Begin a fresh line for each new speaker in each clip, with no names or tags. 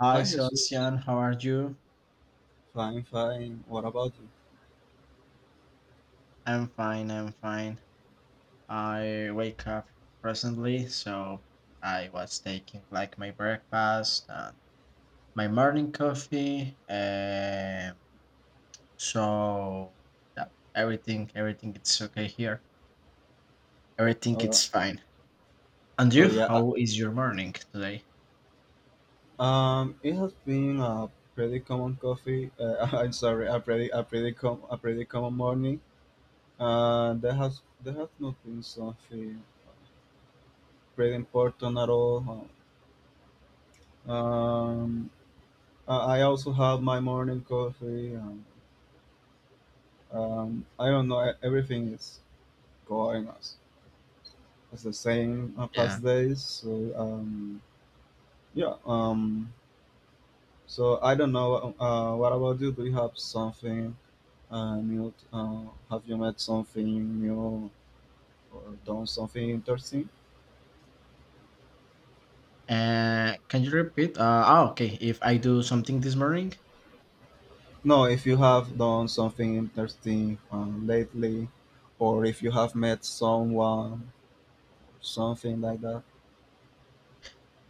Hi,
Hi, Jesus.
Sebastian. How are you?
Fine, fine. What about you?
I'm fine. I'm fine. I wake up recently, so I was taking like my breakfast and my morning coffee. So yeah, everything it's okay here. Everything
Uh,
it's fine. And
oh
you?
yeah. uh,
How is your morning today?
It has been a pretty common coffee. I'm sorry, a pretty common morning. There has not been something pretty important at all, huh? Um, I also have my morning coffee. And, I don't know. Everything is going as the same
Yeah.
past days. So um, yeah. Um, I don't know. What about you? Do you have something new? Have you met something new or done something interesting?
Can you repeat? Oh, okay. If I do something this morning?
No, if you have done something interesting lately, or if you have met someone, something like that.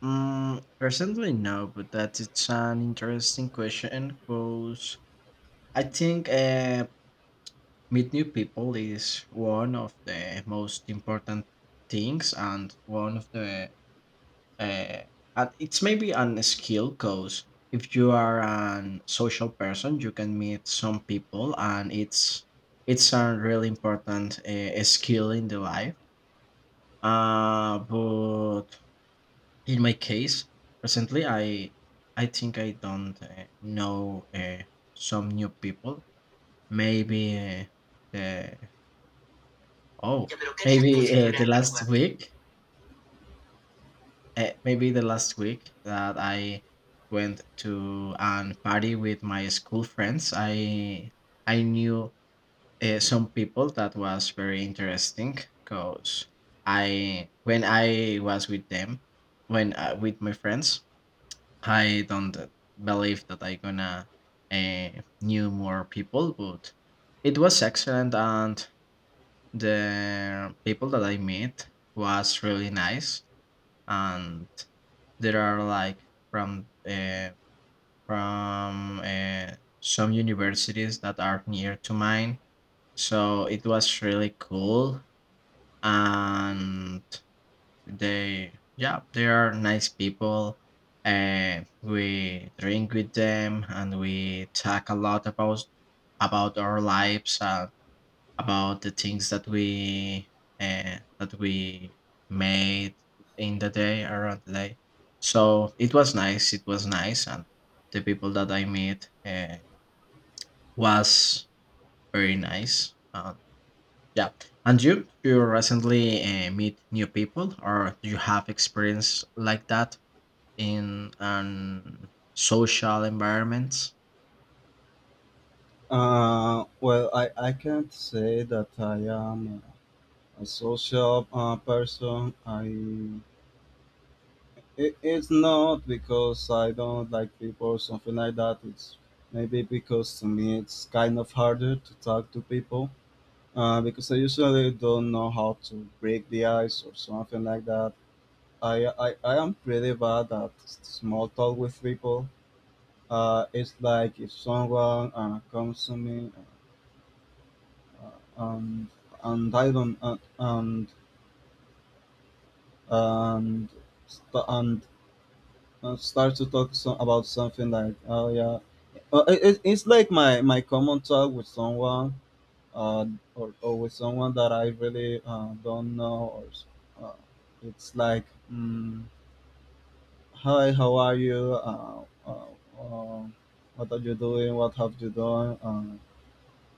Mm, personally, no, but that it's an interesting question because I think meet new people is one of the most important things and one of the uh, and it's maybe an skill because if you are an social person, you can meet some people and it's a really important skill in the life. But in my case, recently I think I don't know some new people. Maybe the oh maybe The last week, that I went to an party with my school friends. I knew some people that was very interesting because I when I was with them when with my friends I don't believe that I gonna uh, knew more people, but it was excellent, and the people that I met was really nice. And there are like from some universities that are near to mine, so it was really cool. And they, yeah, they are nice people and we drink with them and we talk a lot about our lives, about the things that we made in the day around the day. So it was nice, it was nice, and the people that I met was very nice. Yeah. And you, do you recently meet new people, or do you have experience like that in an social environments?
Well, I can't say that I am a social person. I It's not because I don't like people or something like that. It's maybe because to me it's kind of harder to talk to people because I usually don't know how to break the ice or something like that. I am pretty bad at small talk with people. It's like if someone comes to me, um, and I don't and st- and start to talk, so about something like, oh yeah, it's like my common talk with someone, uh or with someone that I really don't know uh, it's like, mm, hi, how are you, uh, what are you doing, what have you done,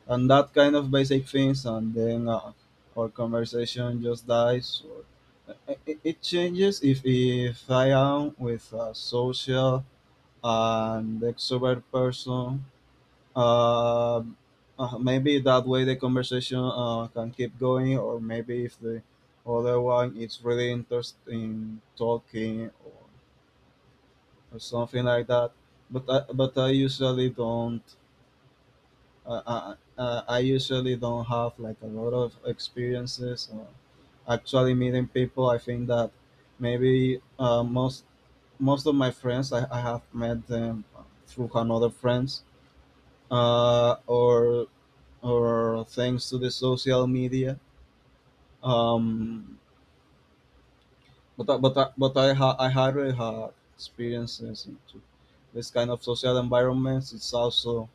and that kind of basic things, and then our conversation just dies. Or it changes if I am with a social and the extrovert person. Uh, Maybe that way the conversation can keep going, or maybe if the other one is really interested in talking, or something like that. But but I usually don't. I usually don't have like a lot of experiences. Actually meeting people, I think that maybe most of my friends I have met them through another friends, uh, or or thanks to the social media. Um, but I already had experiences into this kind of social environments. It's also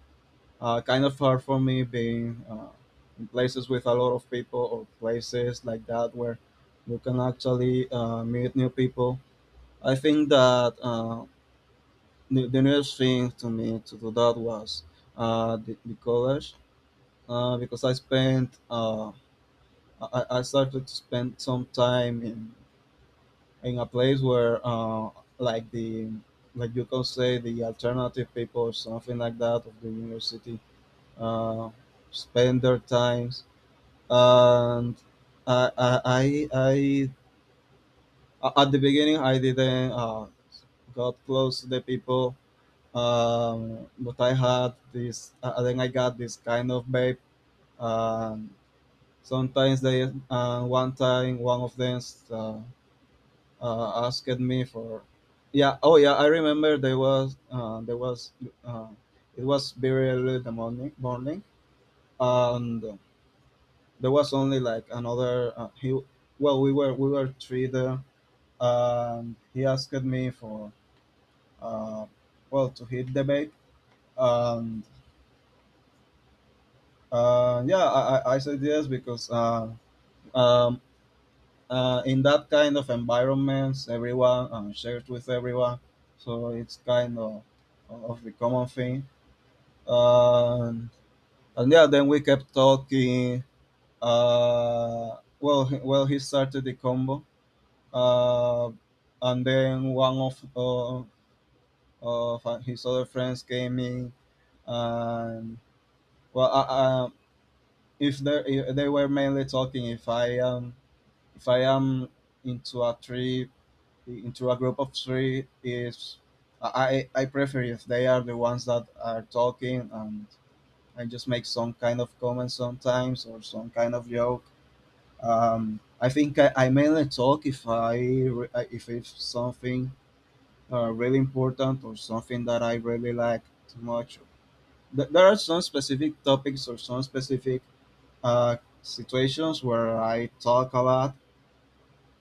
kind of hard for me being in places with a lot of people or places like that where you can actually meet new people. I think that the newest thing to me to do that was the college, because I started to spend some time in a place where, like the like you can say the alternative people or something like that of the university uh, spend their times. And I I, I I at the beginning I didn't got close to the people, but I had this, then I got this kind of babe. Um, sometimes they One time one of them uh, asked me for, yeah, oh yeah, I remember there was, uh, it was very early in the morning, and there was only like another, he, well we were three there, and he asked me for, uh, well, to hit the bait. And yeah, I said yes because, uh, in that kind of environments, everyone shares with everyone, so it's kind of the common thing. Um, and yeah, then we kept talking. Well, well, he started the combo, uh, and then one of his other friends came in. And well, if they were mainly talking, if I am into a tree into a group of three, is, I prefer if they are the ones that are talking, and I just make some kind of comment sometimes, or some kind of joke. I think I mainly talk if I if it's something really important, or something that I really like too much. There are some specific topics or some specific situations where I talk a lot.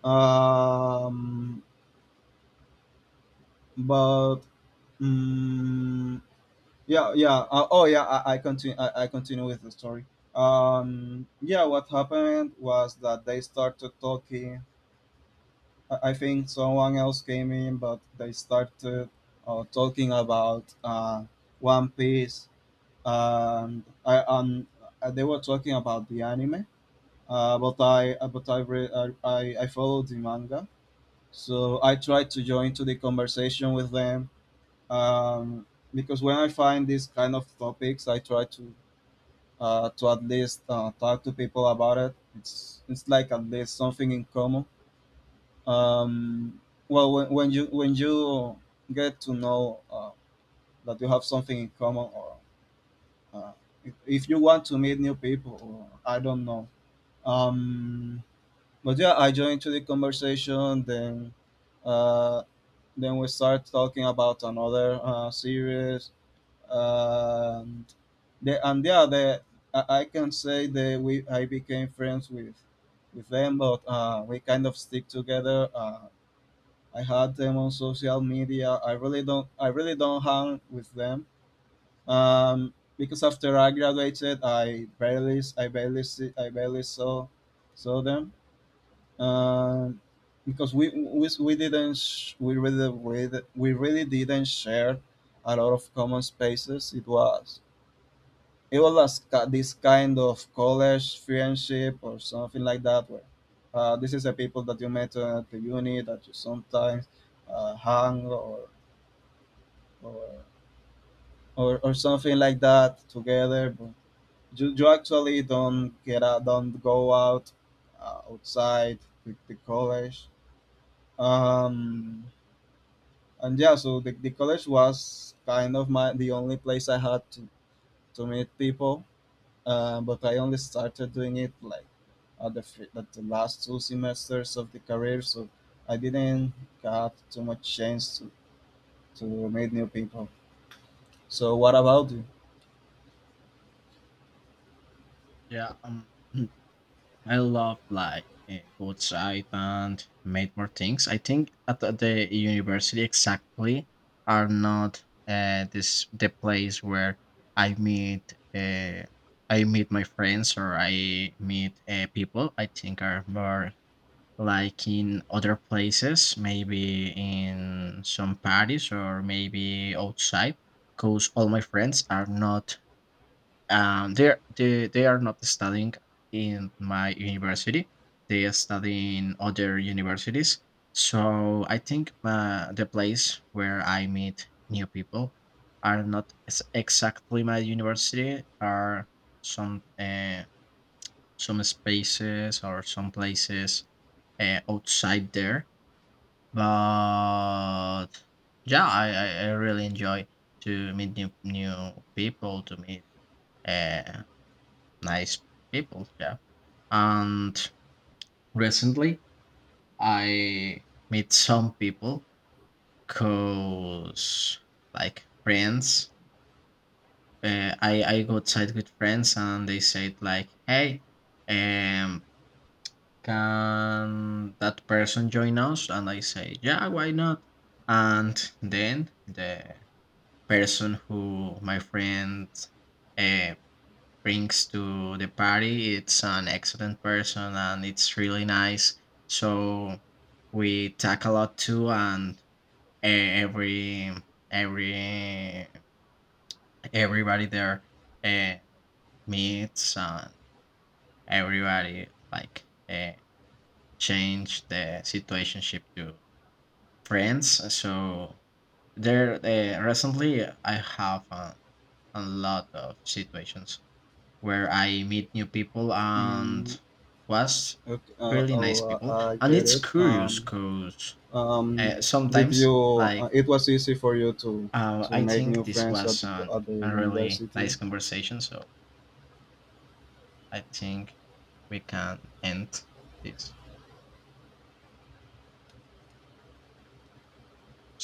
Um, but. Mm yeah yeah oh yeah I continue, I continue with the story. Yeah, what happened was that they started talking. I think someone else came in, but they started talking about One Piece. And I they were talking about the anime, but I re- I followed the manga, so I tried to join to the conversation with them. um because when I find these kind of topics, I try to at least talk to people about it. It's like at least something in common. Um, well, when you get to know that you have something in common, or, uh, if you want to meet new people, or I don't know. Um, but yeah, I joined to the conversation. Uh, then we start talking about another series. Um, the and yeah the I can say that we I became friends with them, but we kind of stick together. I had them on social media. I really don't hang with them, because after I graduated I barely saw them, um, because we didn't we really didn't share a lot of common spaces. It was, it was like, this kind of college friendship or something like that, where this is the people that you met at the uni, that you sometimes hang, or or something like that together, but you actually don't get out, don't go out outside the college. um and yeah, so the college was kind of my the only place I had to meet people. But I only started doing it like at at the last two semesters of the career, so I didn't got too much chance to meet new people. So what about you?
Yeah. I love like go outside and make more things. I think at the university exactly are not this the place where I meet uh, I meet my friends or I meet people. I think are more like in other places, maybe in some parties or maybe outside, because all my friends are not they're they are not studying in my university. They are studying other universities. So I think the place where I meet new people are not ex- exactly my university, are some uh, some spaces or some places outside there. But yeah, I really enjoy to meet new people, to meet uh, nice people. Yeah, and recently I meet some people cause like friends. I go outside with friends and they said like, hey, um, can that person join us? And I say, yeah, why not? And then the person who my friend uh, brings to the party, it's an excellent person and it's really nice. So we talk a lot too, and e- every every everybody there uh, meets and everybody like change the situationship to friends. So there, recently I have a lot of situations where I meet new people and
Mm,
was
okay,
really nice people.
I
And
get
it's
it.
curious because
Um, did
sometimes
you?
like
It was easy for you to
I
make new
think this
friends at
was
the at the
a really
university.
nice conversation. So I think we can end this.